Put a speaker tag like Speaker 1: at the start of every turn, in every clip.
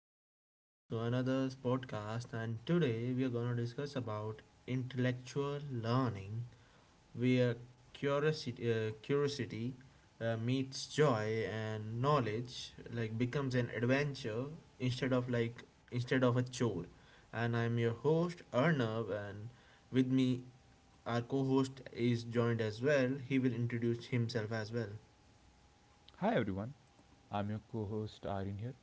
Speaker 1: Welcome guys to another podcast, and today we are going to discuss about intellectual learning where curiosity, meets joy and knowledge like becomes an adventure instead of like instead of a chore. And I'm your host Arnav, and with me our co-host is joined as well. He will introduce himself as well.
Speaker 2: Hi everyone, I'm your co host Aryan here.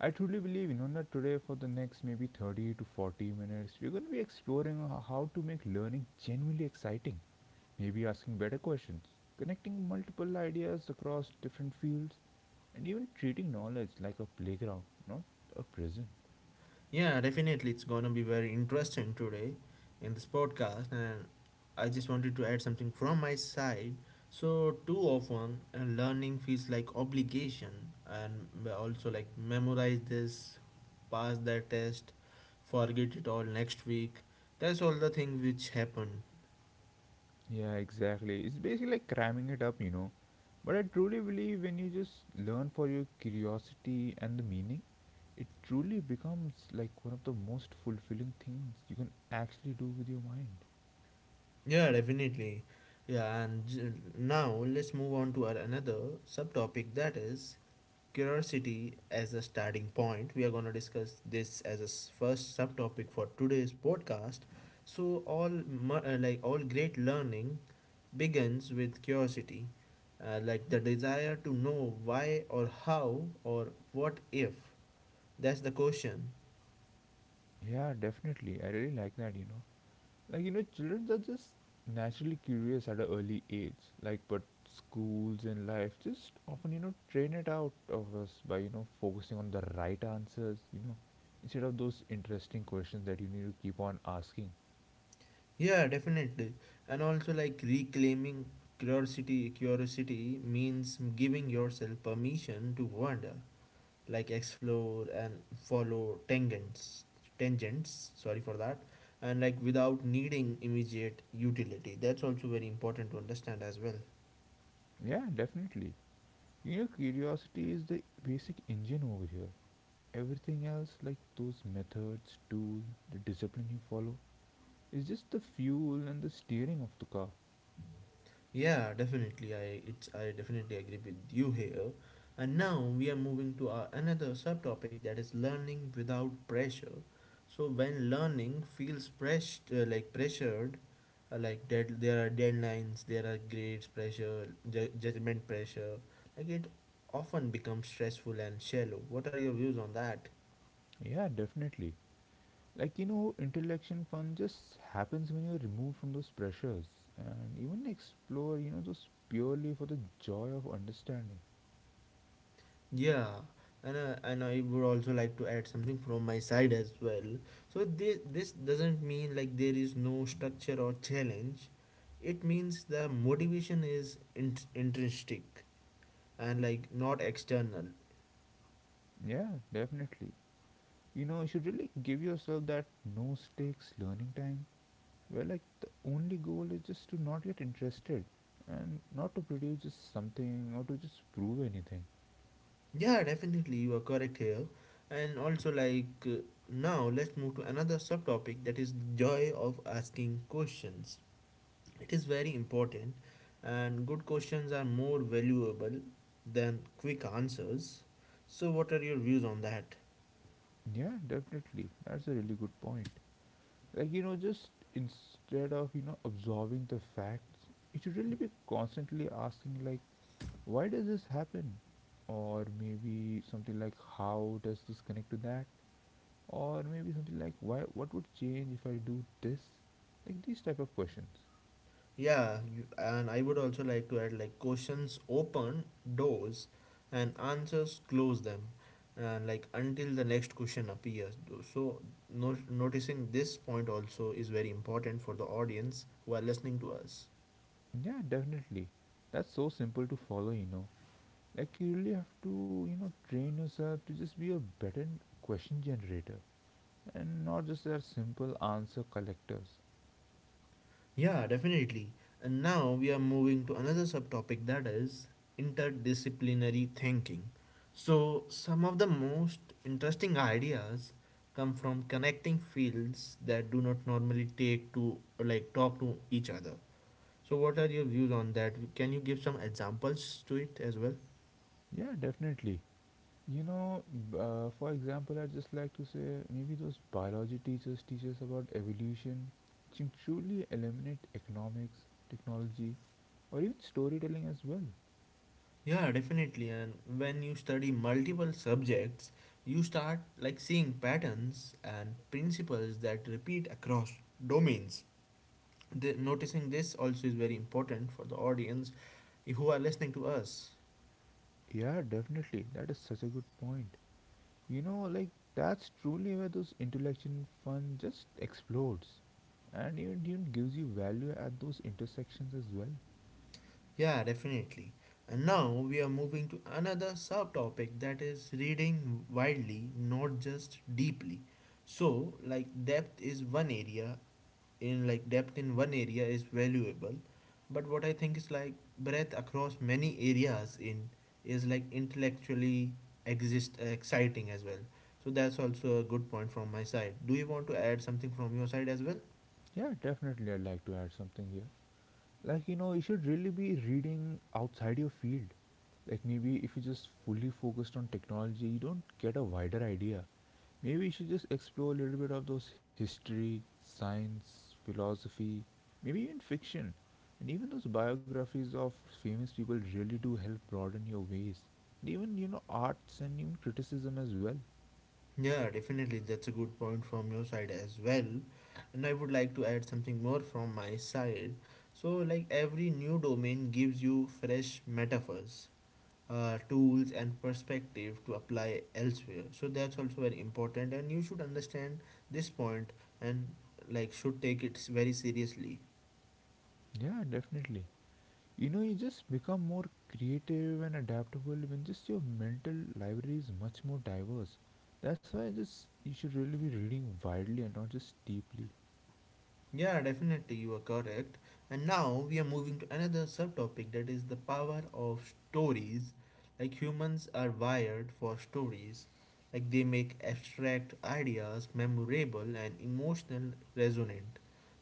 Speaker 2: I truly believe in Inona today for the next maybe 30 to 40 minutes, we're going to be exploring how to make learning genuinely exciting, maybe asking better questions, connecting multiple ideas across different fields, and even treating knowledge like a playground, not a prison.
Speaker 1: Yeah, definitely. It's going to be very interesting today in this podcast. And I just wanted to add something from my side. So, too often, learning feels like obligation, and also like memorize this, pass that test, forget it all next week. That's all the thing which happen.
Speaker 2: Yeah, exactly. It's basically like cramming it up. But I truly believe when you just learn for your curiosity and the meaning, it truly becomes like one of the most fulfilling things you can actually do with your mind.
Speaker 1: Yeah, definitely. Yeah, and j- Now let's move on to our another subtopic, that is curiosity as a starting point. We are going to discuss this as a first subtopic for today's podcast. So all mu- like all great learning begins with curiosity. Like the desire to know why or how or what if. That's the question.
Speaker 2: Yeah, definitely. I really like that. Like, children are just naturally curious at an early age. Like, but schools and life just often, train it out of us by, focusing on the right answers, instead of those interesting questions that you need to keep on asking.
Speaker 1: Yeah, definitely. And also like reclaiming curiosity means giving yourself permission to wander, like explore and follow tangents, sorry for that. And like without needing immediate utility. That's also very important to understand as well.
Speaker 2: Yeah, definitely. Curiosity is the basic engine over here. Everything else, like those methods, tool, the discipline you follow, is just the fuel and the steering of the car.
Speaker 1: Yeah, definitely. I definitely agree with you here. And now we are moving to our another subtopic, that is learning without pressure. So when learning feels pressed like pressured, like dead, there are deadlines, there are grades pressure, judgment pressure. Like it often becomes stressful and shallow. What are your views on that?
Speaker 2: Yeah, definitely. Like intellectual fun just happens when you're removed from those pressures and even explore those purely for the joy of understanding.
Speaker 1: Yeah, and I would also like to add something from my side as well. So this doesn't mean like there is no structure or challenge. It means the motivation is intrinsic and like not external.
Speaker 2: Yeah, definitely. You should really give yourself that no stakes learning time where like the only goal is just to not get interested and not to produce just something or to just prove anything.
Speaker 1: Yeah, definitely you are correct here. And also like Now let's move to another subtopic, that is the joy of asking questions. It is very important, and good questions are more valuable than quick answers. So, what are your views on that?
Speaker 2: Yeah, definitely. That's a really good point. Like just instead of absorbing the facts, you should really be constantly asking like why does this happen? Or maybe something like how does this connect to that? Or maybe something like why, what would change if I do this? Like these type of questions.
Speaker 1: And I would also like to add, like questions open doors and answers close them, and like until the next question appears. So, no, noticing this point also is very important for the audience who are listening to us.
Speaker 2: Yeah, definitely. That's so simple to follow. Like you really have to train yourself to just be a better question generator and not just our simple answer collectors.
Speaker 1: Yeah, definitely. And now we are moving to another subtopic, that is interdisciplinary thinking. So, some of the most interesting ideas come from connecting fields that do not normally take to like talk to each other. So, what are your views on that? Can you give some examples to it as well?
Speaker 2: Yeah, definitely. You know, for example, I'd just like to say maybe those biology teachers teach us about evolution, which can truly eliminate economics, technology, or even storytelling as well.
Speaker 1: Yeah, definitely. And when you study multiple subjects, you start like seeing patterns and principles that repeat across domains. The, noticing this also is very important for the audience who are listening to us.
Speaker 2: Yeah, definitely. That is such a good point. Like that's truly where those intellectual fun just explodes and even gives you value at those intersections as well.
Speaker 1: Yeah, definitely. And now we are moving to another subtopic, that is reading widely, not just deeply. So like depth is one area in like depth in one area is valuable, but what I think is like breadth across many areas in is like intellectually exist exciting as well. So that's also a good point from my side. Do you want to add something from your side as well?
Speaker 2: Yeah, definitely. I'd like to add something here. Like you should really be reading outside your field. Like maybe if you just fully focused on technology you don't get a wider idea. Maybe you should just explore a little bit of those history, science, philosophy, maybe even fiction, and even those biographies of famous people really do help broaden your ways, and even arts and even criticism as well.
Speaker 1: Yeah, definitely, that's a good point from your side as well. And I would like to add something more from my side. So like every new domain gives you fresh metaphors, tools and perspective to apply elsewhere. So that's also very important, and you should understand this point, and like should take it very seriously.
Speaker 2: Yeah, definitely. You just become more creative and adaptable when just your mental library is much more diverse. That's why just you should really be reading widely and not just deeply.
Speaker 1: Yeah, definitely, you are correct. And now we are moving to another subtopic, that is the power of stories. Like humans are wired for stories. Like they make abstract ideas memorable and emotional resonant.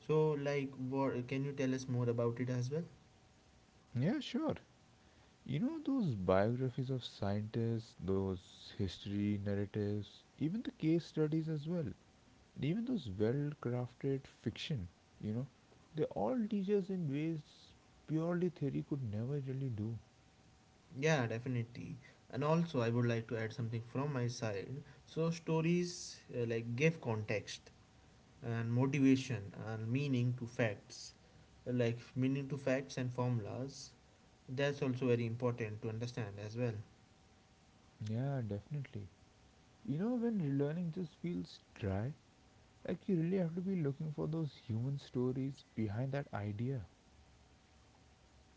Speaker 1: So like what can you tell us more about it as well.
Speaker 2: Yeah, sure. Those biographies of scientists, those history narratives, even the case studies as well, and even those well-crafted fiction, you know, they all teach us in ways purely theory could never really do.
Speaker 1: Yeah, definitely. And also I would like to add something from my side. So, stories like give context and motivation and meaning to facts, like meaning to facts and formulas. That's also very important to understand as well.
Speaker 2: Yeah, definitely. When learning just feels dry, like you really have to be looking for those human stories behind that idea.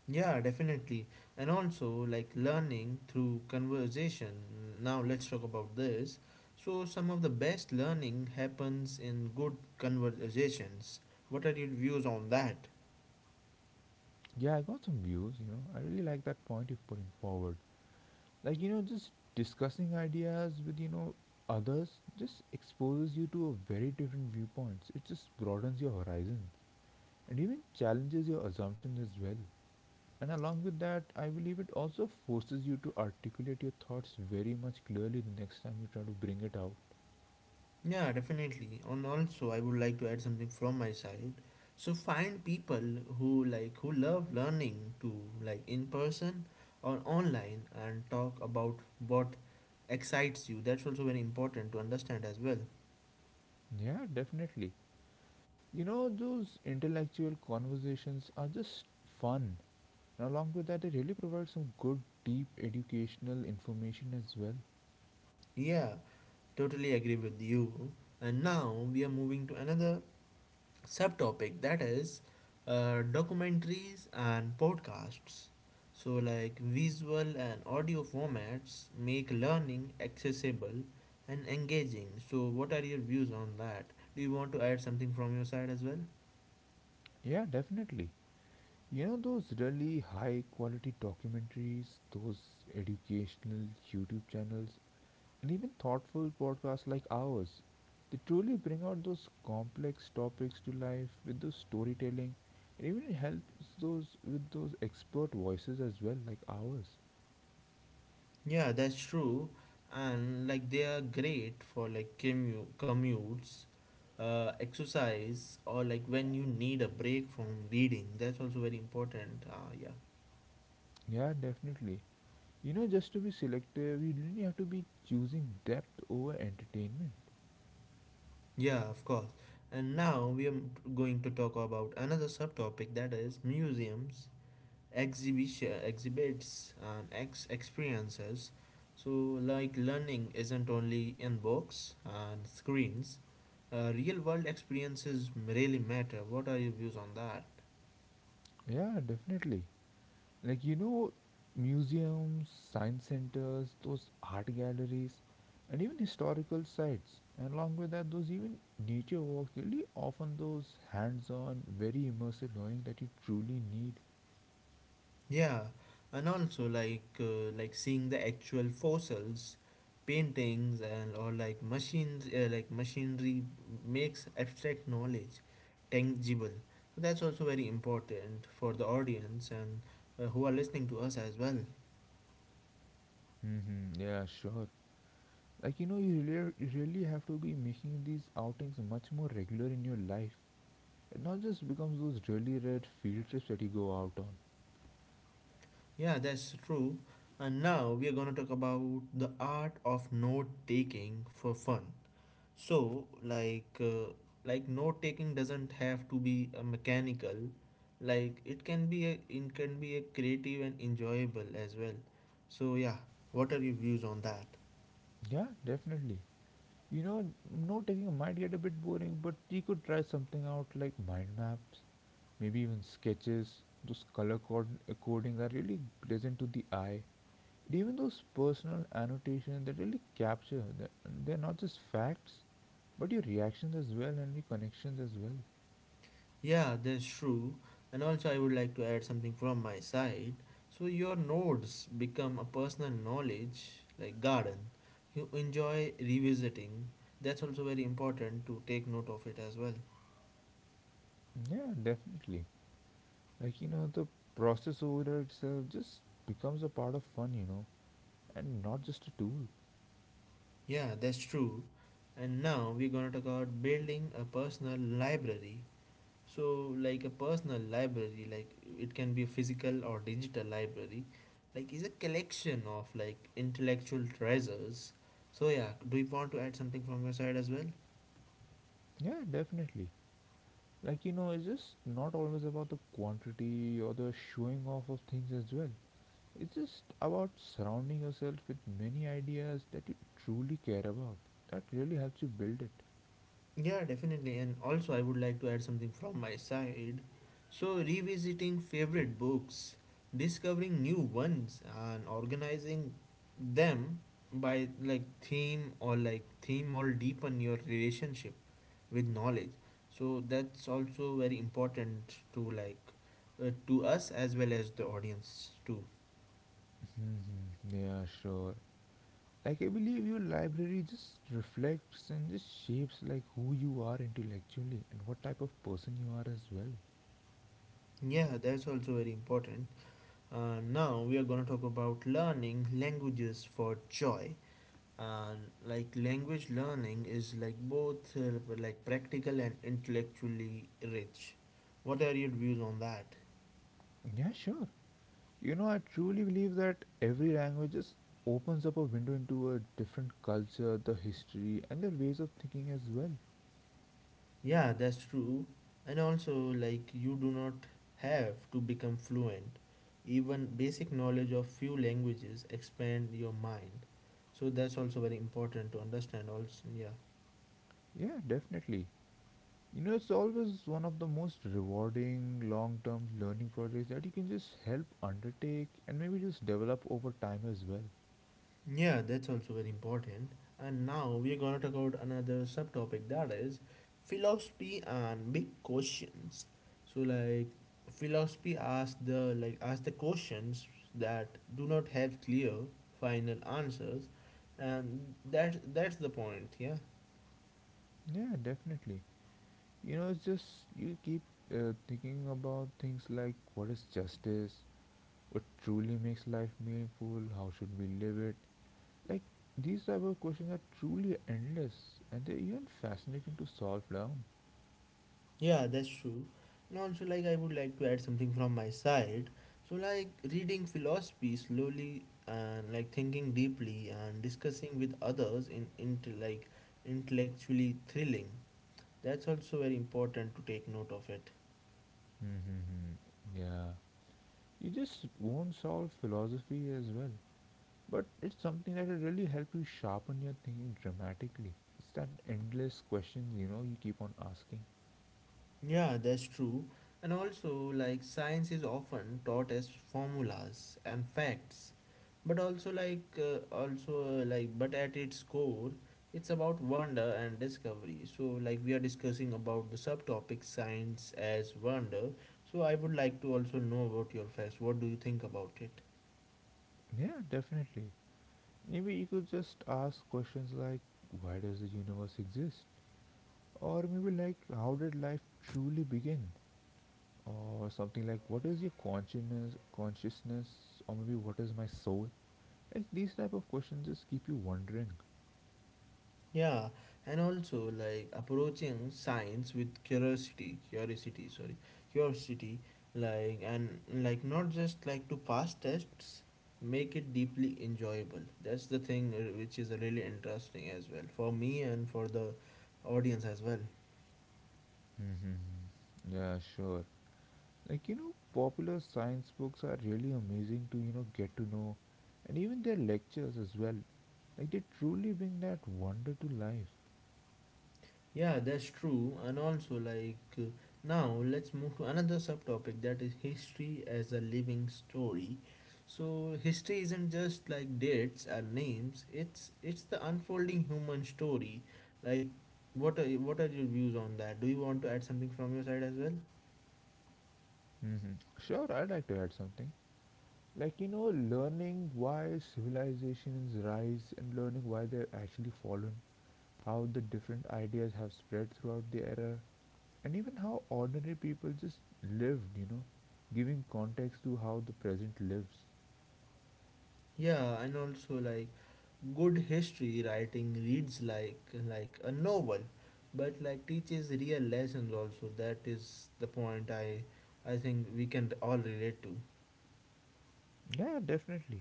Speaker 1: Yeah, definitely. And also, like learning through conversation. Now, let's talk about this. So, some of the best learning happens in good conversations. What are your views on that?
Speaker 2: Yeah, I got some views. I really like that point you're putting forward. Like, just discussing ideas with, others just exposes you to a very different viewpoints. It just broadens your horizons and even challenges your assumptions as well. And along with that, I believe it also forces you to articulate your thoughts very much clearly the next time you try to bring it out.
Speaker 1: Yeah, definitely. And also, I would like to add something from my side. So find people who love learning too, like in person or online, and talk about what excites you. That's also very important to understand as well.
Speaker 2: Yeah, definitely. Those intellectual conversations are just fun. And along with that, they really provide some good, deep educational information as well.
Speaker 1: Yeah, totally agree with you. And now we are moving to another subtopic, that is documentaries and podcasts. So, like visual and audio formats make learning accessible and engaging. So, what are your views on that? Do you want to add something from your side as well?
Speaker 2: Yeah, definitely. Those really high quality documentaries, those educational YouTube channels, and even thoughtful podcasts like ours. They truly bring out those complex topics to life with those storytelling and even helps those with those expert voices as well, like ours.
Speaker 1: Yeah, that's true. And like they are great for like commutes, exercise, or like when you need a break from reading. That's also very important. Yeah.
Speaker 2: Yeah, definitely. Just to be selective, you really have to be choosing depth over entertainment.
Speaker 1: Yeah, of course. And now we are going to talk about another subtopic, that is museums, exhibition, exhibits, and experiences. So, like learning isn't only in books and screens. Real world experiences really matter. What are your views on that?
Speaker 2: Yeah, definitely. Like, museums, science centers, those art galleries, and even historical sites. And along with that, those even nature walks really often those hands on, very immersive learning that you truly need.
Speaker 1: Yeah, and also like seeing the actual fossils, paintings, and or like machines, machinery makes abstract knowledge tangible. So, that's also very important for the audience and who are listening to us as well.
Speaker 2: Mm-hmm, yeah, sure. Like, you really have to be making these outings much more regular in your life. It not just becomes those really rare field trips that you go out on.
Speaker 1: Yeah, that's true. And now we are going to talk about the art of note taking for fun. So, like note taking doesn't have to be a mechanical. Like, it can be a creative and enjoyable as well. So, yeah, what are your views on that?
Speaker 2: Yeah, definitely. You know, note taking might get a bit boring, but you could try something out like mind maps, maybe even sketches. Those codings are really pleasant to the eye. And even those personal annotations that really capture, they're not just facts, but your reactions as well and your connections as well.
Speaker 1: Yeah, that's true. And also, I would like to add something from my side. So, your nodes become a personal knowledge, like garden. You enjoy revisiting. That's also very important to take note of it as well.
Speaker 2: Yeah, definitely. Like, the process overall itself just becomes a part of fun. And not just a tool.
Speaker 1: Yeah, that's true. And now we're gonna talk about building a personal library. So, like a personal library, like it can be a physical or digital library, like is a collection of like intellectual treasures. So yeah, do you want to add something from your side as well?
Speaker 2: Yeah, definitely. Like, it's just not always about the quantity or the showing off of things as well. It's just about surrounding yourself with many ideas that you truly care about. That really helps you build it.
Speaker 1: Yeah, definitely. And also, I would like to add something from my side. So, revisiting favorite books, discovering new ones, and organizing them by like theme or deepen your relationship with knowledge. So, that's also very important to like to us as well as the audience too.
Speaker 2: Yeah, sure. Like, I believe your library just reflects and just shapes like who you are intellectually and what type of person you are as well.
Speaker 1: Yeah, that's also very important. Now we are going to talk about learning languages for joy. And like language learning is like both like practical and intellectually rich. What are your views on that?
Speaker 2: Yeah, sure. I truly believe that every language just opens up a window into a different culture, the history, and their ways of thinking as well.
Speaker 1: Yeah, that's true. And also like you do not have to become fluent. Even basic knowledge of few languages expand your mind. So that's also very important to understand also, yeah.
Speaker 2: Yeah, definitely. It's always one of the most rewarding long term learning projects that you can just help undertake and maybe just develop over time as well.
Speaker 1: Yeah, that's also very important. And now we're going to talk about another subtopic, that is philosophy and big questions. So like philosophy asks the questions that do not have clear final answers, and that that's the point, yeah.
Speaker 2: Yeah, definitely. It's just you keep thinking about things like what is justice, what truly makes life meaningful, how should we live it? Like these type of questions are truly endless, and they're even fascinating to solve down.
Speaker 1: Yeah, that's true. And also, like, I would like to add something from my side. So, like, reading philosophy slowly and like thinking deeply and discussing with others in into like intellectually thrilling. That's also very important to take note of it.
Speaker 2: Mm-hmm. Yeah. You just won't solve philosophy as well, but it's something that will really help you sharpen your thinking dramatically. It's that endless questions you keep on asking.
Speaker 1: Yeah, that's true. And also, like, science is often taught as formulas and facts, but but at its core, it's about wonder and discovery. So, like, we are discussing about the subtopic science as wonder. So, I would like to also know about your facts. What do you think about it?
Speaker 2: Yeah, definitely. Maybe you could just ask questions like, why does the universe exist? Or maybe like, how did life truly begin? Or something like what is your consciousness? Or maybe what is my soul? Like these type of questions just keep you wondering.
Speaker 1: Yeah, and also like approaching science with curiosity, like and like not just like to pass tests, make it deeply enjoyable. That's the thing which is really interesting as well for me and for the audience as well.
Speaker 2: Mm-hmm. Yeah, sure. Like popular science books are really amazing to get to know, and even their lectures as well. Like they truly bring that wonder to life.
Speaker 1: Yeah, that's true. Now let's move to another subtopic, that is history as a living story. So, history isn't just like dates and names. It's the unfolding human story. Like, what are your views on that? Do you want to add something from your side as well?
Speaker 2: Mm-hmm. Sure, I'd like to add something. Like learning why civilizations rise and learning why they're actually fallen, how the different ideas have spread throughout the era, and even how ordinary people just lived, giving context to how the present lives.
Speaker 1: Yeah, and also like good history writing reads like a novel, but like teaches real lessons also. That is the point I think we can all relate to.
Speaker 2: Yeah, definitely.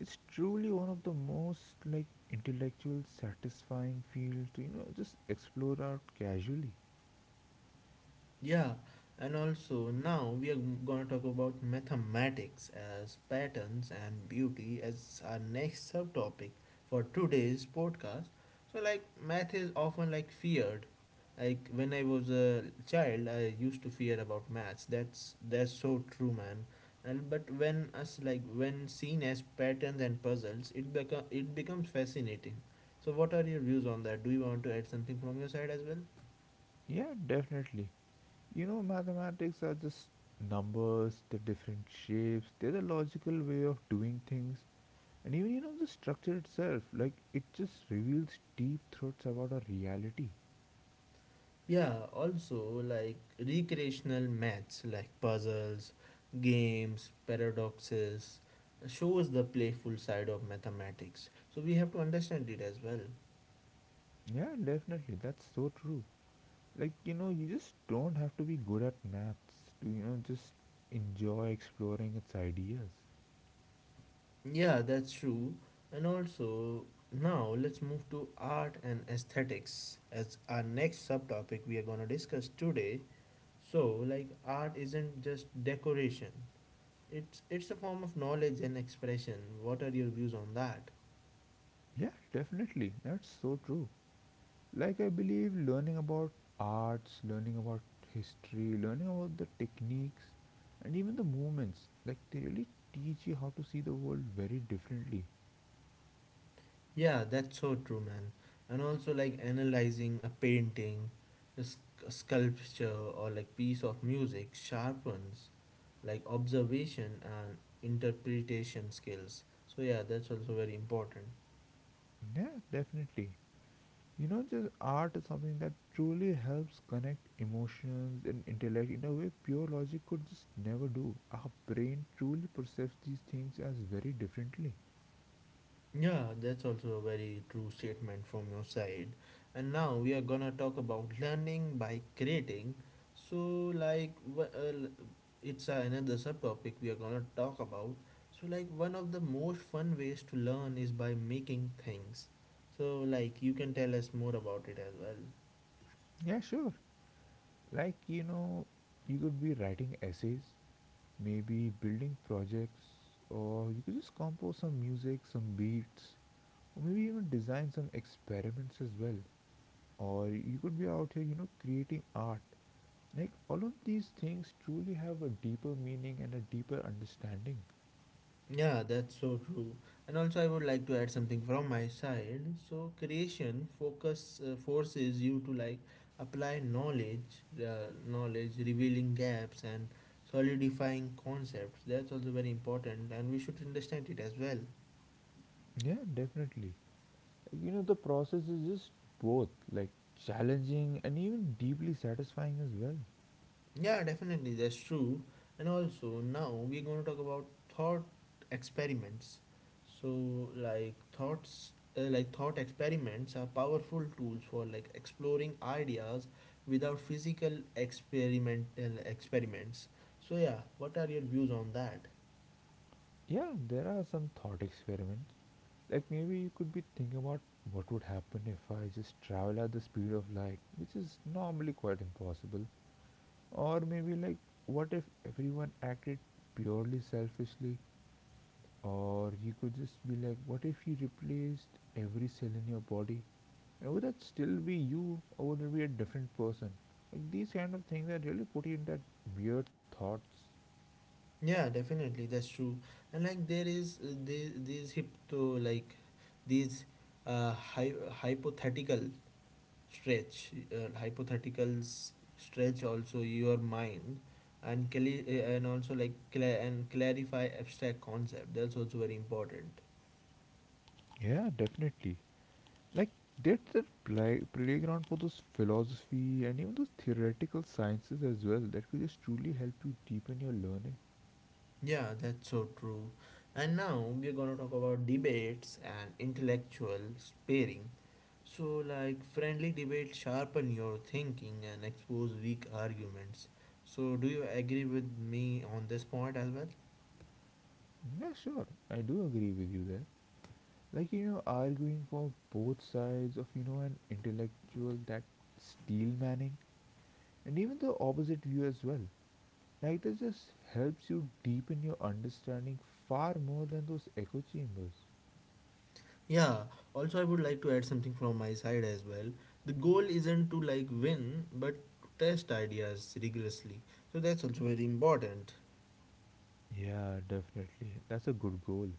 Speaker 2: It's truly one of the most like intellectual satisfying fields to just explore out casually.
Speaker 1: Yeah, and also now we are going to talk about mathematics as patterns and beauty as our next subtopic for today's podcast. So, like, math is often like feared. Like when I was a child, I used to fear about maths. That's so true, man. And but when us like When seen as patterns and puzzles, it becomes fascinating. So, what are your views on that? Do you want to add something from your side as well?
Speaker 2: Yeah, definitely. Mathematics are just numbers, they're different shapes, they're the logical way of doing things, and even, the structure itself. Like, it just reveals deep truths about our reality.
Speaker 1: Yeah, also like recreational maths like puzzles, games, paradoxes shows the playful side of mathematics. So we have to understand it as well.
Speaker 2: Yeah, definitely, that's so true. Like, you just don't have to be good at maths to, just enjoy exploring its ideas.
Speaker 1: Yeah, that's true. And also now let's move to art and aesthetics as our next subtopic we are going to discuss today. So like art isn't just decoration. It's a form of knowledge and expression. What are your views on that?
Speaker 2: Yeah, definitely, that's so true. Like, I believe learning about arts, learning about history, learning about the techniques, and even the movements, like, they really teach you how to see the world very differently.
Speaker 1: Yeah, that's so true, man. And also, like analyzing a painting, a sculpture, or like piece of music sharpens like observation and interpretation skills. So, yeah, that's also very important.
Speaker 2: Yeah, definitely. Just art is something that truly helps connect emotions and intellect in a way pure logic could just never do. Our brain truly perceives these things as very differently.
Speaker 1: Yeah, that's also a very true statement from your side. And now we are gonna talk about learning by creating. So, like, wh- l- it's another subtopic we are gonna talk about. So, like, one of the most fun ways to learn is by making things. So, like, you can tell us more about it as well.
Speaker 2: Yeah, sure. Like, you could be writing essays, maybe building projects, or you could just compose some music, some beats, or maybe even design some experiments as well. Or you could be out here, creating art. Like all of these things truly have a deeper meaning and a deeper understanding.
Speaker 1: Yeah, that's so true. And also, I would like to add something from my side. So, creation focus forces you to like apply knowledge, revealing gaps and solidifying concepts. That's also very important, and we should understand it as well.
Speaker 2: Yeah, definitely. Like, the process is just both like challenging and even deeply satisfying as well.
Speaker 1: Yeah, definitely, that's true. And also, now we're going to talk about thought experiments. So, like thought experiments are powerful tools for like exploring ideas without physical experimental experiments. So, yeah, what are your views on that?
Speaker 2: Yeah, there are some thought experiments. Like maybe you could be thinking about what would happen if I just travel at the speed of light, which is normally quite impossible. Or maybe like what if everyone acted purely selfishly? Or you could just be like, what if you replaced every cell in your body? And would that still be you or would it be a different person? Like these kind of things that really put you in that weird thoughts.
Speaker 1: Yeah, definitely, that's true. And like there is these hypto like these hy- hypothetical stretch hypotheticals stretch also your mind and clarify abstract concept. That's also very important.
Speaker 2: Yeah, definitely. Like, there's that playground for those philosophy and even those theoretical sciences as well that could just truly help you deepen your learning.
Speaker 1: Yeah, that's so true. And now we're going to talk about debates and intellectual sparring. So like friendly debates sharpen your thinking and expose weak arguments. So do you agree with me on this point as well?
Speaker 2: Yeah, sure, I do agree with you there. Like, you know, arguing for both sides of, you know, an intellectual that steel manning and even the opposite view as well. Like, this just helps you deepen your understanding far more than those echo chambers.
Speaker 1: Yeah, also I would like to add something from my side as well. The goal isn't to like win, but to test ideas rigorously. So that's also very important.
Speaker 2: Yeah, definitely. That's a good goal.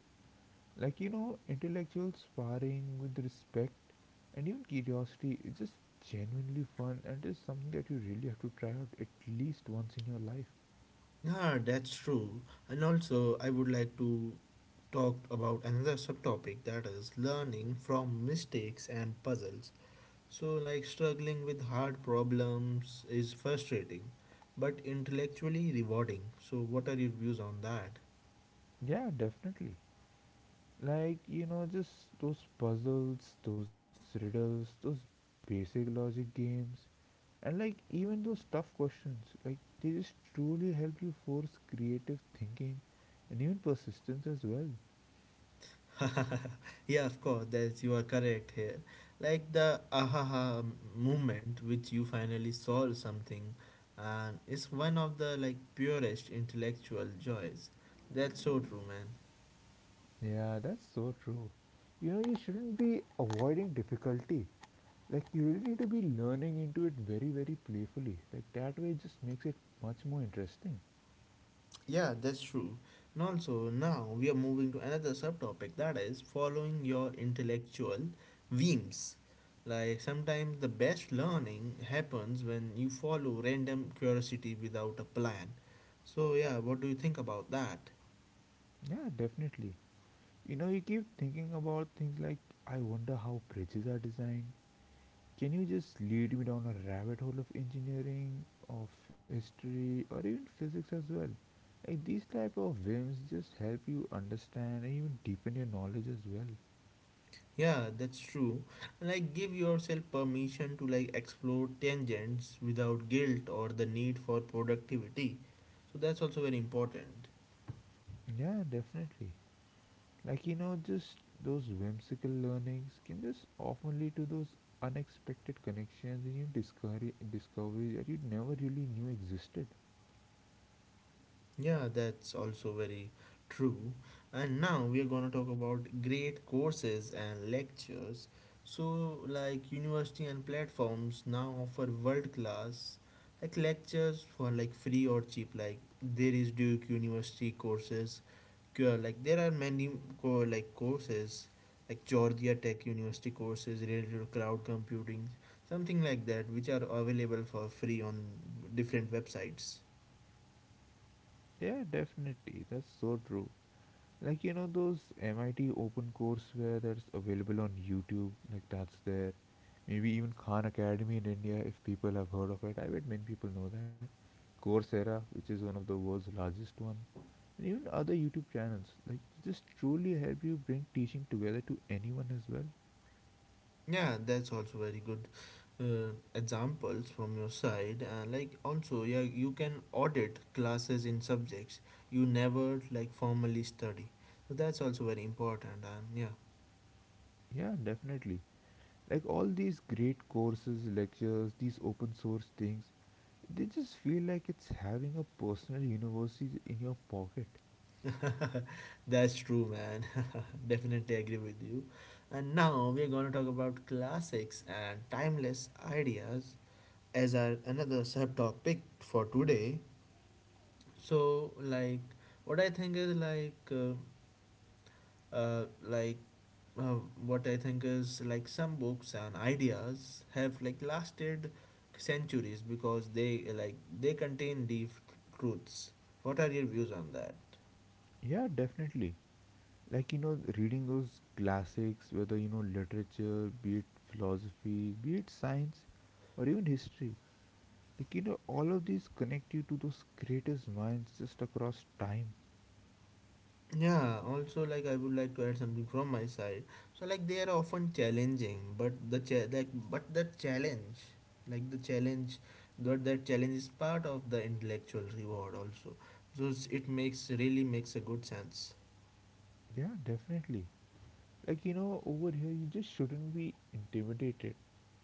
Speaker 2: Like, you know, intellectual sparring with respect and even curiosity is just genuinely fun and is something that you really have to try out at least once in your life.
Speaker 1: Yeah, that's true. And also I would like to talk about another subtopic that is learning from mistakes and puzzles. So like struggling with hard problems is frustrating, but intellectually rewarding. So what are your views on that?
Speaker 2: Yeah, definitely. Like, you know, just those puzzles, those riddles, those basic logic games, and like even those tough questions, like they just truly help you force creative thinking and even persistence as well.
Speaker 1: Yeah, of course, that's you are correct here. Like the ahaha moment which you finally solve something and is one of the like purest intellectual joys. That's so true, man.
Speaker 2: Yeah, that's so true. You know, you shouldn't be avoiding difficulty. Like, you really need to be learning into it very playfully. Like that way it just makes it much more interesting.
Speaker 1: Yeah, that's true. And also now we are moving to another subtopic that is following your intellectual whims. Like sometimes the best learning happens when you follow random curiosity without a plan. So yeah, what do you think about that?
Speaker 2: Yeah, definitely. You know, you keep thinking about things like, I wonder how bridges are designed. Can you just lead me down a rabbit hole of engineering, of history, or even physics as well? Like these type of whims just help you understand and even deepen your knowledge as well.
Speaker 1: Yeah, that's true. Like, give yourself permission to like explore tangents without guilt or the need for productivity. So that's also very important.
Speaker 2: Yeah, definitely. Like, you know, just those whimsical learnings can just often lead to those unexpected connections and you discovery discoveries that you never really knew existed.
Speaker 1: Yeah, that's also very true. And now we are gonna talk about great courses and lectures. So like university and platforms now offer world class like lectures for like free or cheap. Like there is Duke University courses, there are many courses like Georgia Tech University courses related to cloud computing, something like that, which are available for free on different websites.
Speaker 2: Yeah, definitely. That's so true. Like, you know, those MIT open courseware that's available on YouTube, like that's there. Maybe even Khan Academy in India, if people have heard of it. I bet many people know that. Coursera, which is one of the world's largest one, and even other YouTube channels. Like just truly help you bring teaching together to anyone as well.
Speaker 1: Yeah, that's also very good examples from your side. Like also Yeah, you can audit classes in subjects you never like formally study. So that's also very important, and yeah.
Speaker 2: Yeah, definitely. Like all these great courses, lectures, these open source things, they just feel like it's having a personal university in your pocket.
Speaker 1: That's true, man. Definitely agree with you. And now we're going to talk about classics and timeless ideas as our another subtopic for today. So, like, what I think is like, uh, what I think is like some books and ideas have like lasted centuries because they contain deep truths. What are your views on that?
Speaker 2: Yeah, definitely. Like, you know, reading those classics, whether, you know, literature, be it philosophy, be it science, or even history, like, you know, all of these connect you to those greatest minds just across time.
Speaker 1: Yeah, also like I would like to add something from my side. So like they are often challenging, but the cha- that but that challenge, like the challenge, but that challenge is part of the intellectual reward also. So it makes really makes a good sense.
Speaker 2: Yeah, definitely. Like, you know, over here, you just shouldn't be intimidated.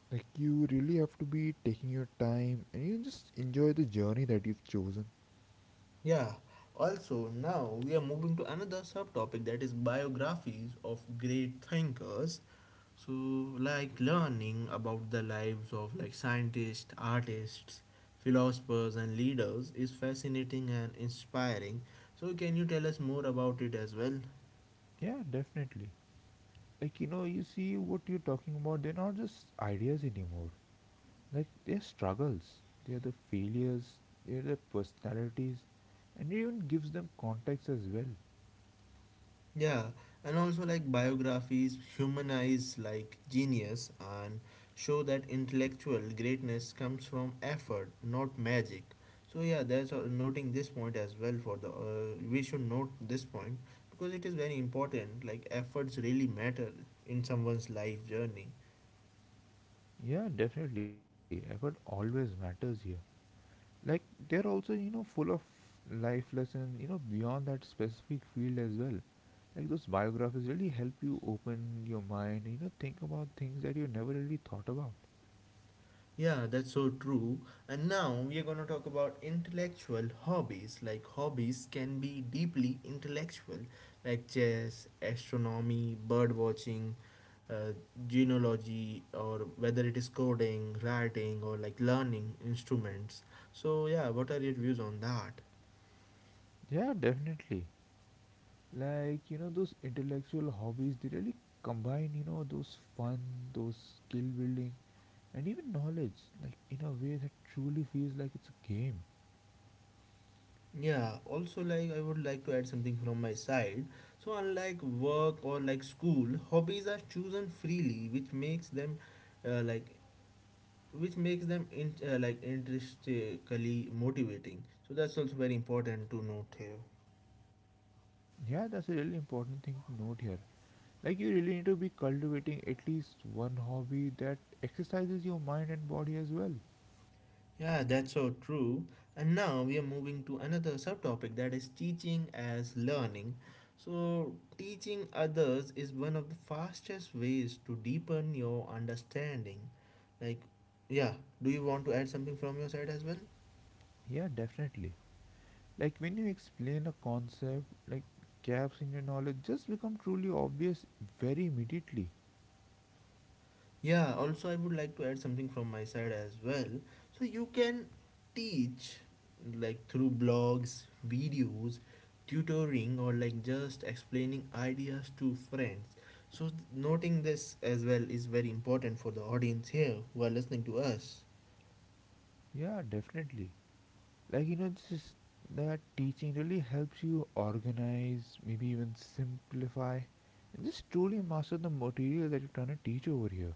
Speaker 2: Like, you really have to be taking your time and you just enjoy the journey that you've chosen.
Speaker 1: Yeah. Also, now we are moving to another subtopic that is biographies of great thinkers. So, like learning about the lives of like scientists, artists, philosophers, and leaders is fascinating and inspiring. So, can you tell us more about it as well?
Speaker 2: Yeah, definitely. Like, you know, you see what you're talking about, they're not just ideas anymore. Like their struggles, their the failures, their the personalities, and it even gives them context as well.
Speaker 1: Yeah, and also like biographies humanize like genius and show that intellectual greatness comes from effort, not magic. So yeah, that's all, noting this point as well for the we should note this point because it is very important. Like efforts really matter in someone's life journey.
Speaker 2: Yeah, definitely, effort always matters here. Like they're also, you know, full of life lessons, you know, beyond that specific field as well. Like those biographies really help you open your mind, you know, think about things that you never really thought about.
Speaker 1: Yeah, that's so true. And now we are going to talk about intellectual hobbies. Like, hobbies can be deeply intellectual, like chess, astronomy, bird watching, uh, genealogy, or whether it is coding, writing, or like learning instruments. So, yeah, what are your views on that?
Speaker 2: Yeah, definitely. Like, you know, those intellectual hobbies, they really combine, you know, those fun, those skill building, and even knowledge, like in a way that truly feels like it's a game.
Speaker 1: Yeah, also like I would like to add something from my side. So unlike work or like school, hobbies are chosen freely, which makes them like which makes them in, like intrinsically motivating. So that's also very important to note here.
Speaker 2: Yeah, that's a really important thing to note here. Like, you really need to be cultivating at least one hobby that exercises your mind and body as well.
Speaker 1: Yeah, that's so true. And now we are moving to another subtopic that is teaching as learning. So teaching others is one of the fastest ways to deepen your understanding. Like, yeah, do you want to add something from your side as well?
Speaker 2: Yeah, definitely. Like, when you explain a concept, like gaps in your knowledge just become truly obvious very immediately.
Speaker 1: Yeah, also I would like to add something from my side as well. So you can teach like through blogs, videos, tutoring or like just explaining ideas to friends. So noting this as well is very important for the audience here who are listening to us.
Speaker 2: Yeah, definitely. Like, you know, just that teaching really helps you organize, maybe even simplify, and just truly master the material that you're trying to teach over here.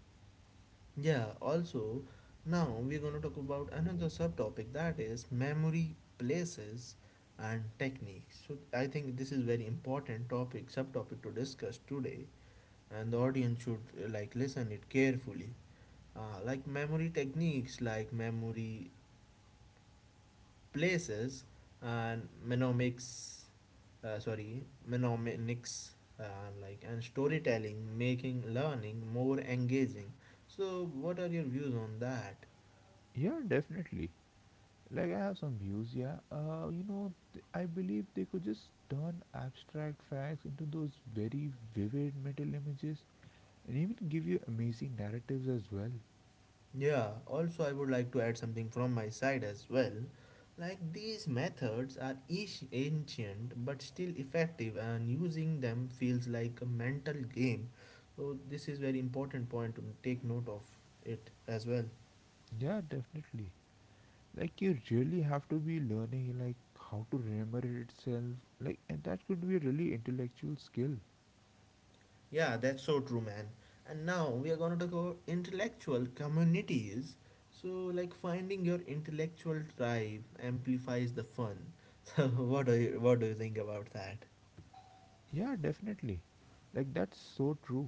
Speaker 1: Yeah, also now we're going to talk about another subtopic that is memory places and techniques. So I think this is very important topic subtopic to discuss today, and the audience should like listen it carefully. Memory techniques, like memory places and mnemonics, sorry mnemonics and and storytelling making learning more engaging. So what are your views on that?
Speaker 2: Yeah, definitely. Like, I have some views. Yeah, you know, I believe they could just turn abstract facts into those very vivid mental images and even give you amazing narratives as well.
Speaker 1: Yeah, also, I would like to add something from my side as well. Like these methods are each ancient but still effective, and using them feels like a mental game. So, this is very important point to take note of it as well.
Speaker 2: Yeah, definitely. Like, you really have to be learning like how to remember itself, like, and that could be a really intellectual skill.
Speaker 1: Yeah, that's so true, man. And now we are going to talk about intellectual communities. So, like finding your intellectual tribe amplifies the fun. So, what do you think about that?
Speaker 2: Yeah, definitely. Like, that's so true.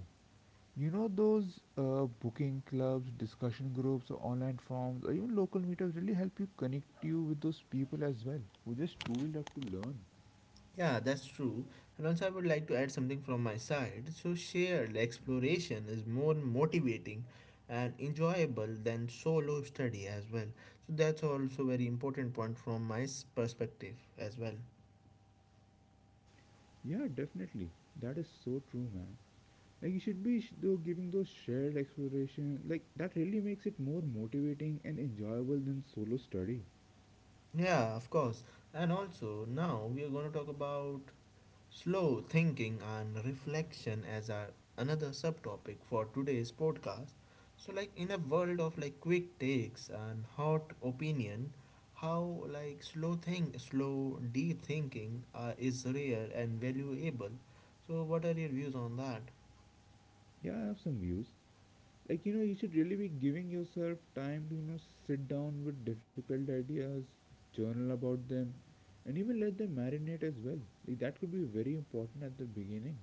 Speaker 2: You know, those booking clubs, discussion groups, online forums, or even local meetups really help you connect you with those people as well with this tool that you learn.
Speaker 1: Yeah, that's true. And also, I would like to add something from my side. So, shared exploration is more motivating and enjoyable than solo study as well. So, that's also very important point from my perspective as well.
Speaker 2: Yeah, definitely. That is so true, man. Like you should be sh- though giving those shared exploration. Like that really makes it more motivating and enjoyable than solo study.
Speaker 1: Yeah, of course. And also, now we are going to talk about slow thinking and reflection as our another subtopic for today's podcast. So like in a world of like quick takes and hot opinion, how like slow deep thinking is rare and valuable. So what are your views on that?
Speaker 2: Yeah, I have some views. Like, you know, you should really be giving yourself time to, you know, sit down with difficult ideas, journal about them, and even let them marinate as well. Like that could be very important at the beginning.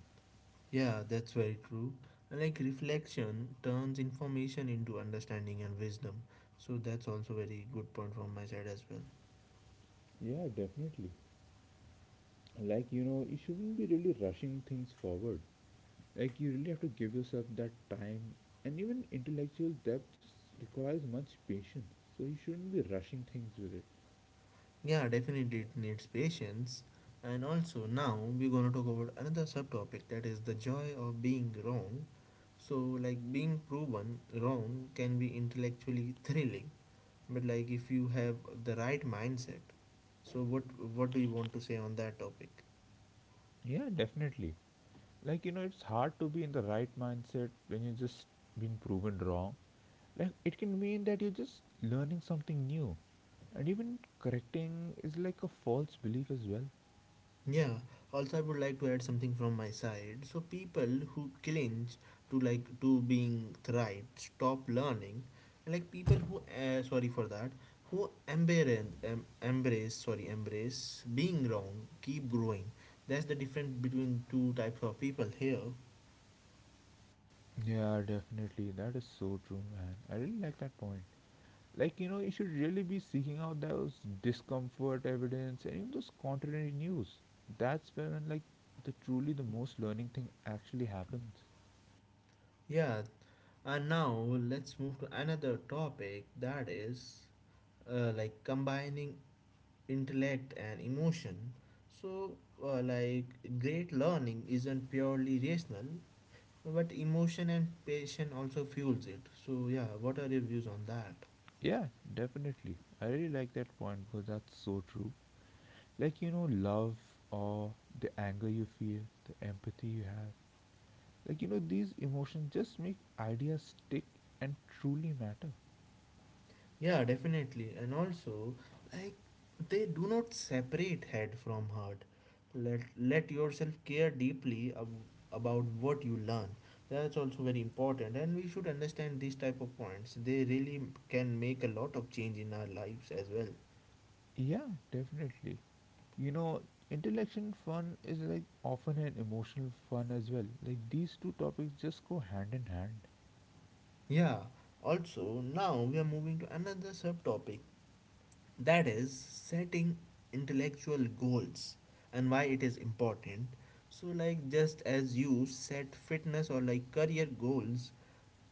Speaker 1: Yeah, that's very true. And like reflection turns information into understanding and wisdom. So that's also very good point from my side as well.
Speaker 2: Yeah, definitely. Like, you know, you shouldn't be really rushing things forward. Like, you really have to give yourself that time, and even intellectual depth just requires much patience, so you shouldn't be rushing things with it.
Speaker 1: Yeah, definitely it needs patience. And also, now we're gonna talk about another subtopic that is the joy of being wrong. So, like being proven wrong can be intellectually thrilling, but like if you have the right mindset. So, what do you want to say on that topic?
Speaker 2: Yeah, definitely. Like, you know, it's hard to be in the right mindset when you just been proven wrong. Like it can mean that you're just learning something new and even correcting is like a false belief as well.
Speaker 1: Yeah, also I would like to add something from my side. So people who cling to being right stop learning, and like people who sorry for that who embrace embrace sorry embrace being wrong keep growing. That's the difference between two types of people here.
Speaker 2: Yeah, definitely. That is so true, man. I really like that point. Like, you know, you should really be seeking out those discomfort evidence and even those contrary news. That's when like the truly the most learning thing actually happens.
Speaker 1: Yeah, and now let's move to another topic that is combining intellect and emotion. So, uh, like, great learning isn't purely rational, but emotion and passion also fuels it. So, yeah, what are your views on that?
Speaker 2: Yeah, definitely. I really like that point because that's so true. Like, you know, love, awe, the anger you feel, the empathy you have, like, you know, these emotions just make ideas stick and truly matter.
Speaker 1: Yeah, definitely. And also, like, they do not separate head from heart. Let yourself care deeply about what you learn. That's also very important, and we should understand these type of points. They really can make a lot of change in our lives as well.
Speaker 2: Yeah, definitely. You know, intellectual fun is like often an emotional fun as well. Like these two topics just go hand in hand.
Speaker 1: Yeah, also, now we are moving to another subtopic that is setting intellectual goals and why it is important. So, like, just as you set fitness or like career goals,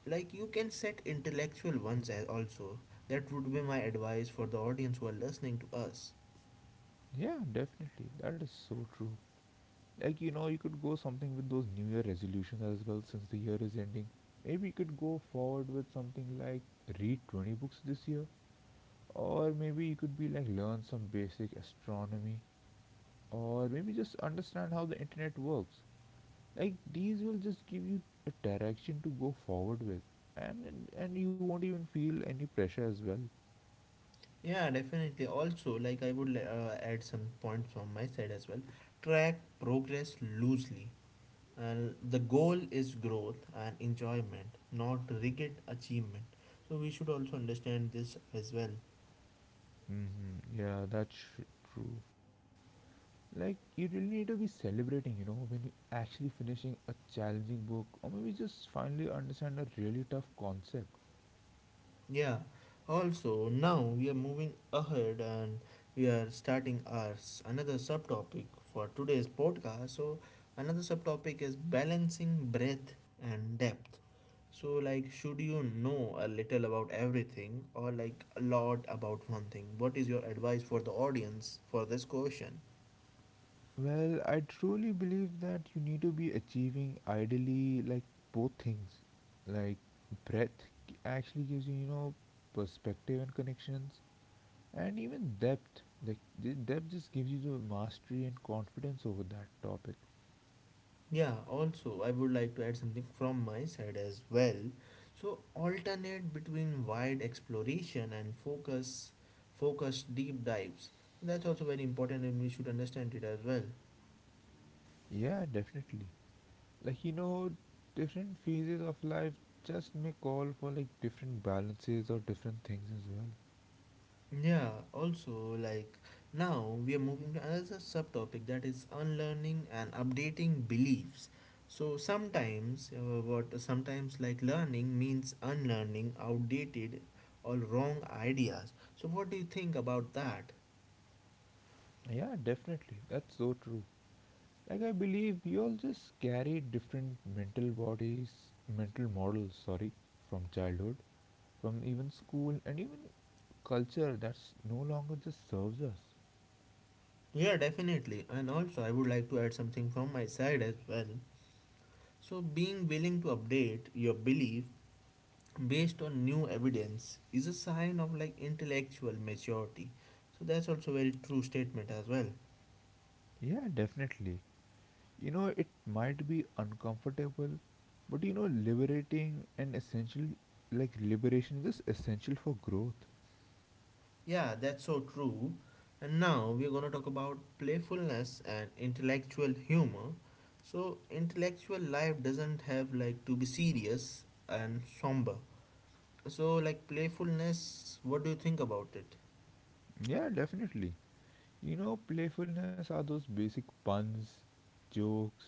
Speaker 1: like, you can set intellectual ones as also. That would be my advice for the audience who are listening to us.
Speaker 2: Yeah, definitely. That is so true. Like, you know, you could go something with those new year resolutions as well, since the year is ending. Maybe you could go forward with something like read 20 books this year, or maybe you could be like learn some basic astronomy, or maybe just understand how the internet works. Like these will just give you a direction to go forward with, and you won't even feel any pressure as well.
Speaker 1: Yeah, definitely. Also, like, I would add some points from my side as well. Track progress loosely, and the goal is growth and enjoyment, not rigid achievement. So we should also understand this as well.
Speaker 2: Hmm. Yeah, that's true. Like, you really need to be celebrating, you know, when you actually finishing a challenging book or maybe just finally understand a really tough concept.
Speaker 1: Yeah, also now we are moving ahead and we are starting our another subtopic for today's podcast. So another subtopic is balancing breadth and depth. So like, should you know a little about everything or like a lot about one thing? What is your advice for the audience for this question?
Speaker 2: Well, I truly believe that you need to be achieving ideally like both things. Like breadth actually gives you, you know, perspective and connections, and even depth. Like the depth just gives you the mastery and confidence over that topic.
Speaker 1: Yeah, also, I would like to add something from my side as well. So, alternate between wide exploration and focused deep dives. That's also very important, and we should understand it as well.
Speaker 2: Yeah, definitely. Like, you know, different phases of life just may call for like different balances or different things as well.
Speaker 1: Yeah, also, like now we are moving to another subtopic that is unlearning and updating beliefs. So, sometimes, what sometimes like learning means unlearning outdated or wrong ideas. So, what do you think about that?
Speaker 2: Yeah, definitely. That's so true. Like, I believe we all just carry different mental models sorry, from childhood, from even school, and even culture that's no longer just serves us.
Speaker 1: Yeah, definitely. And also, I would like to add something from my side as well. So, being willing to update your belief based on new evidence is a sign of like intellectual maturity. So, that's also a very true statement as well.
Speaker 2: Yeah, definitely. You know, it might be uncomfortable, but, you know, liberating and essential. Like liberation is essential for growth.
Speaker 1: Yeah, that's so true. And now we're going to talk about playfulness and intellectual humor. So, intellectual life doesn't have like to be serious and somber. So, like playfulness, what do you think about it?
Speaker 2: Yeah, definitely. You know, playfulness are those basic puns, jokes,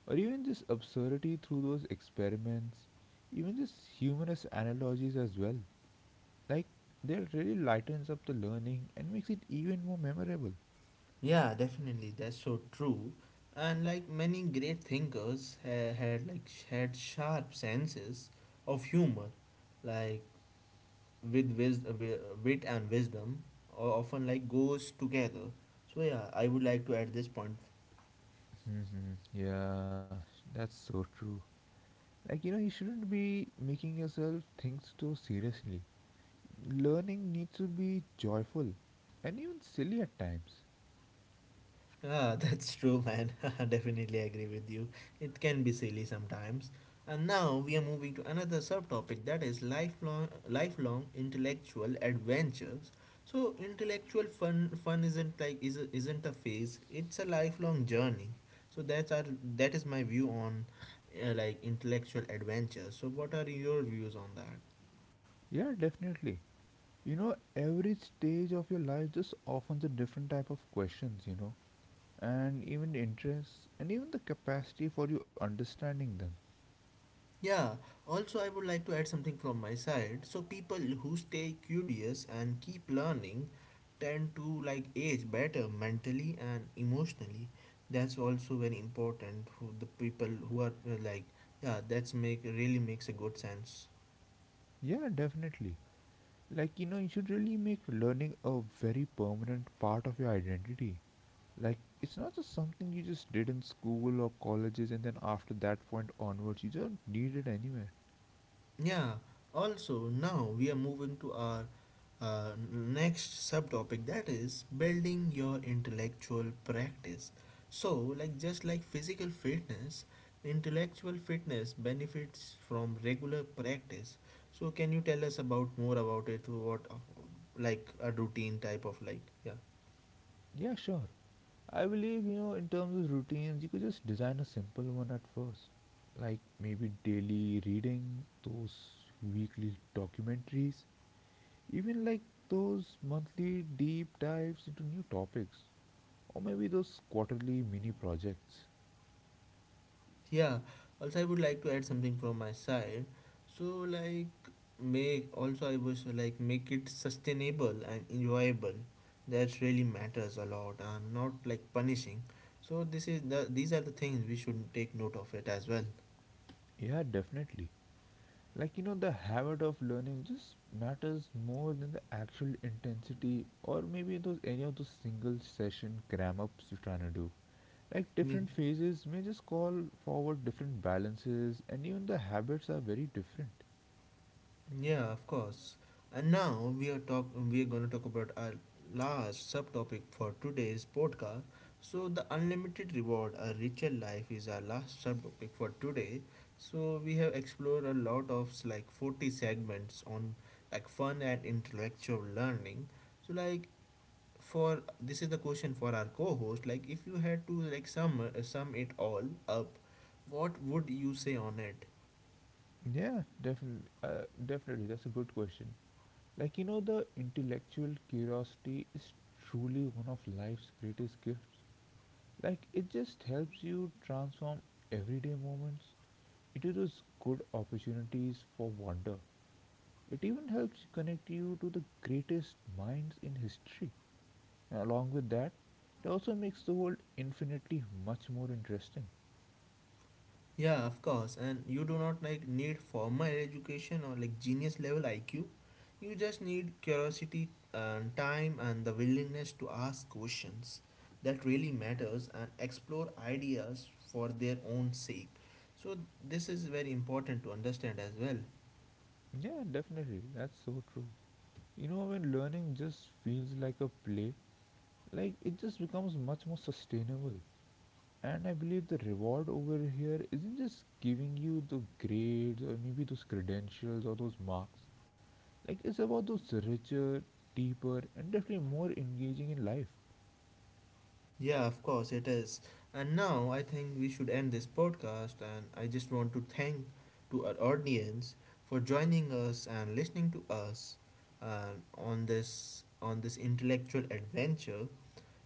Speaker 2: or even just absurdity through those experiments, even just humorous analogies as well. Like that really lightens up the learning and makes it even more memorable.
Speaker 1: Yeah, definitely. That's so true. And like many great thinkers had sharp senses of humor, like with wit and wisdom, or often like goes together. So yeah, I would like to add this point.
Speaker 2: Mhm. Yeah, that's so true. Like, you know, you shouldn't be making yourself think so seriously. Learning needs to be joyful and even silly at times.
Speaker 1: Ah, that's true, man. Definitely agree with you. It can be silly sometimes. And now we are moving to another subtopic that is lifelong intellectual adventures. So intellectual fun isn't like is isn't a phase. It's a lifelong journey. So that is my view on like intellectual adventures. So what are your views on that?
Speaker 2: Yeah, definitely. You know, every stage of your life just offers a different type of questions, you know, and even interests and even the capacity for you understanding them.
Speaker 1: Yeah, also, I would like to add something from my side. So, people who stay curious and keep learning tend to like age better mentally and emotionally. That's also very important. Who the people who are like, yeah, that's make really makes a good sense.
Speaker 2: Yeah, definitely. Like, you know, you should really make learning a very permanent part of your identity. Like, it's not just something you just did in school or colleges and then after that point onwards, you don't need it anywhere.
Speaker 1: Yeah, also now we are moving to our next subtopic that is building your intellectual practice. So, like just like physical fitness, intellectual fitness benefits from regular practice. So, can you tell us about more about it? What like a routine type of like?
Speaker 2: Yeah, sure. I believe, you know, in terms of routines, you could just design a simple one at first. Like maybe daily reading, those weekly documentaries, even like those monthly deep dives into new topics, or maybe those quarterly mini projects.
Speaker 1: Yeah, also I would like to add something from my side. So like make also I was like make it sustainable and enjoyable. That really matters a lot and not like punishing. So this is the these are the things we should take note of it as well.
Speaker 2: Yeah, definitely. Like, you know, the habit of learning just matters more than the actual intensity, or maybe those any of those single session cram ups you're trying to do. Like,
Speaker 1: Yeah.
Speaker 2: different phases may just call forward different balances, and even the habits are very different.
Speaker 1: Yeah, of course. And now we are gonna talk about our last subtopic for today's podcast. So the unlimited reward, a richer life, is our last subtopic for today. So we have explored a lot of like 40 segments on like fun and intellectual learning. So like for this is the question for our co-host. Like, if you had to like sum it all up, what would you say on it?
Speaker 2: Yeah, definitely. Definitely, that's a good question. Like, you know, the intellectual curiosity is truly one of life's greatest gifts. Like, it just helps you transform everyday moments into those good opportunities for wonder. It even helps connect you to the greatest minds in history. And along with that, it also makes the world infinitely much more interesting.
Speaker 1: Yeah, of course. And you do not like need formal education or like genius level IQ. You just need curiosity and time and the willingness to ask questions that really matters, and explore ideas for their own sake. So this is very important to understand as well.
Speaker 2: Yeah, definitely. That's so true. You know, when learning just feels like a play, like it just becomes much more sustainable. And I believe the reward over here isn't just giving you the grades or maybe those credentials or those marks. Like it's about those richer, deeper, and definitely more engaging in life.
Speaker 1: Yeah, of course it is. And now I think we should end this podcast, and I just want to thank to our audience for joining us and listening to us on this intellectual adventure.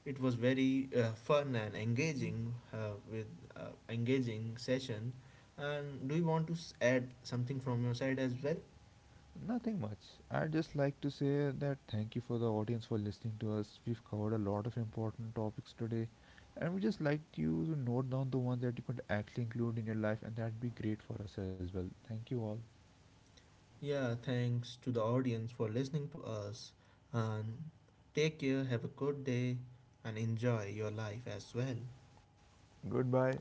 Speaker 1: It was very fun and engaging, with engaging session. And do you want to add something from your side as well?
Speaker 2: Nothing much. I'd just like to say that thank you for the audience for listening to us. We've covered a lot of important topics today, and we just like you to note down the ones that you could actually include in your life, and that'd be great for us as well. Thank you all.
Speaker 1: Yeah, thanks to the audience for listening to us. And take care, have a good day, and enjoy your life as well.
Speaker 2: Goodbye.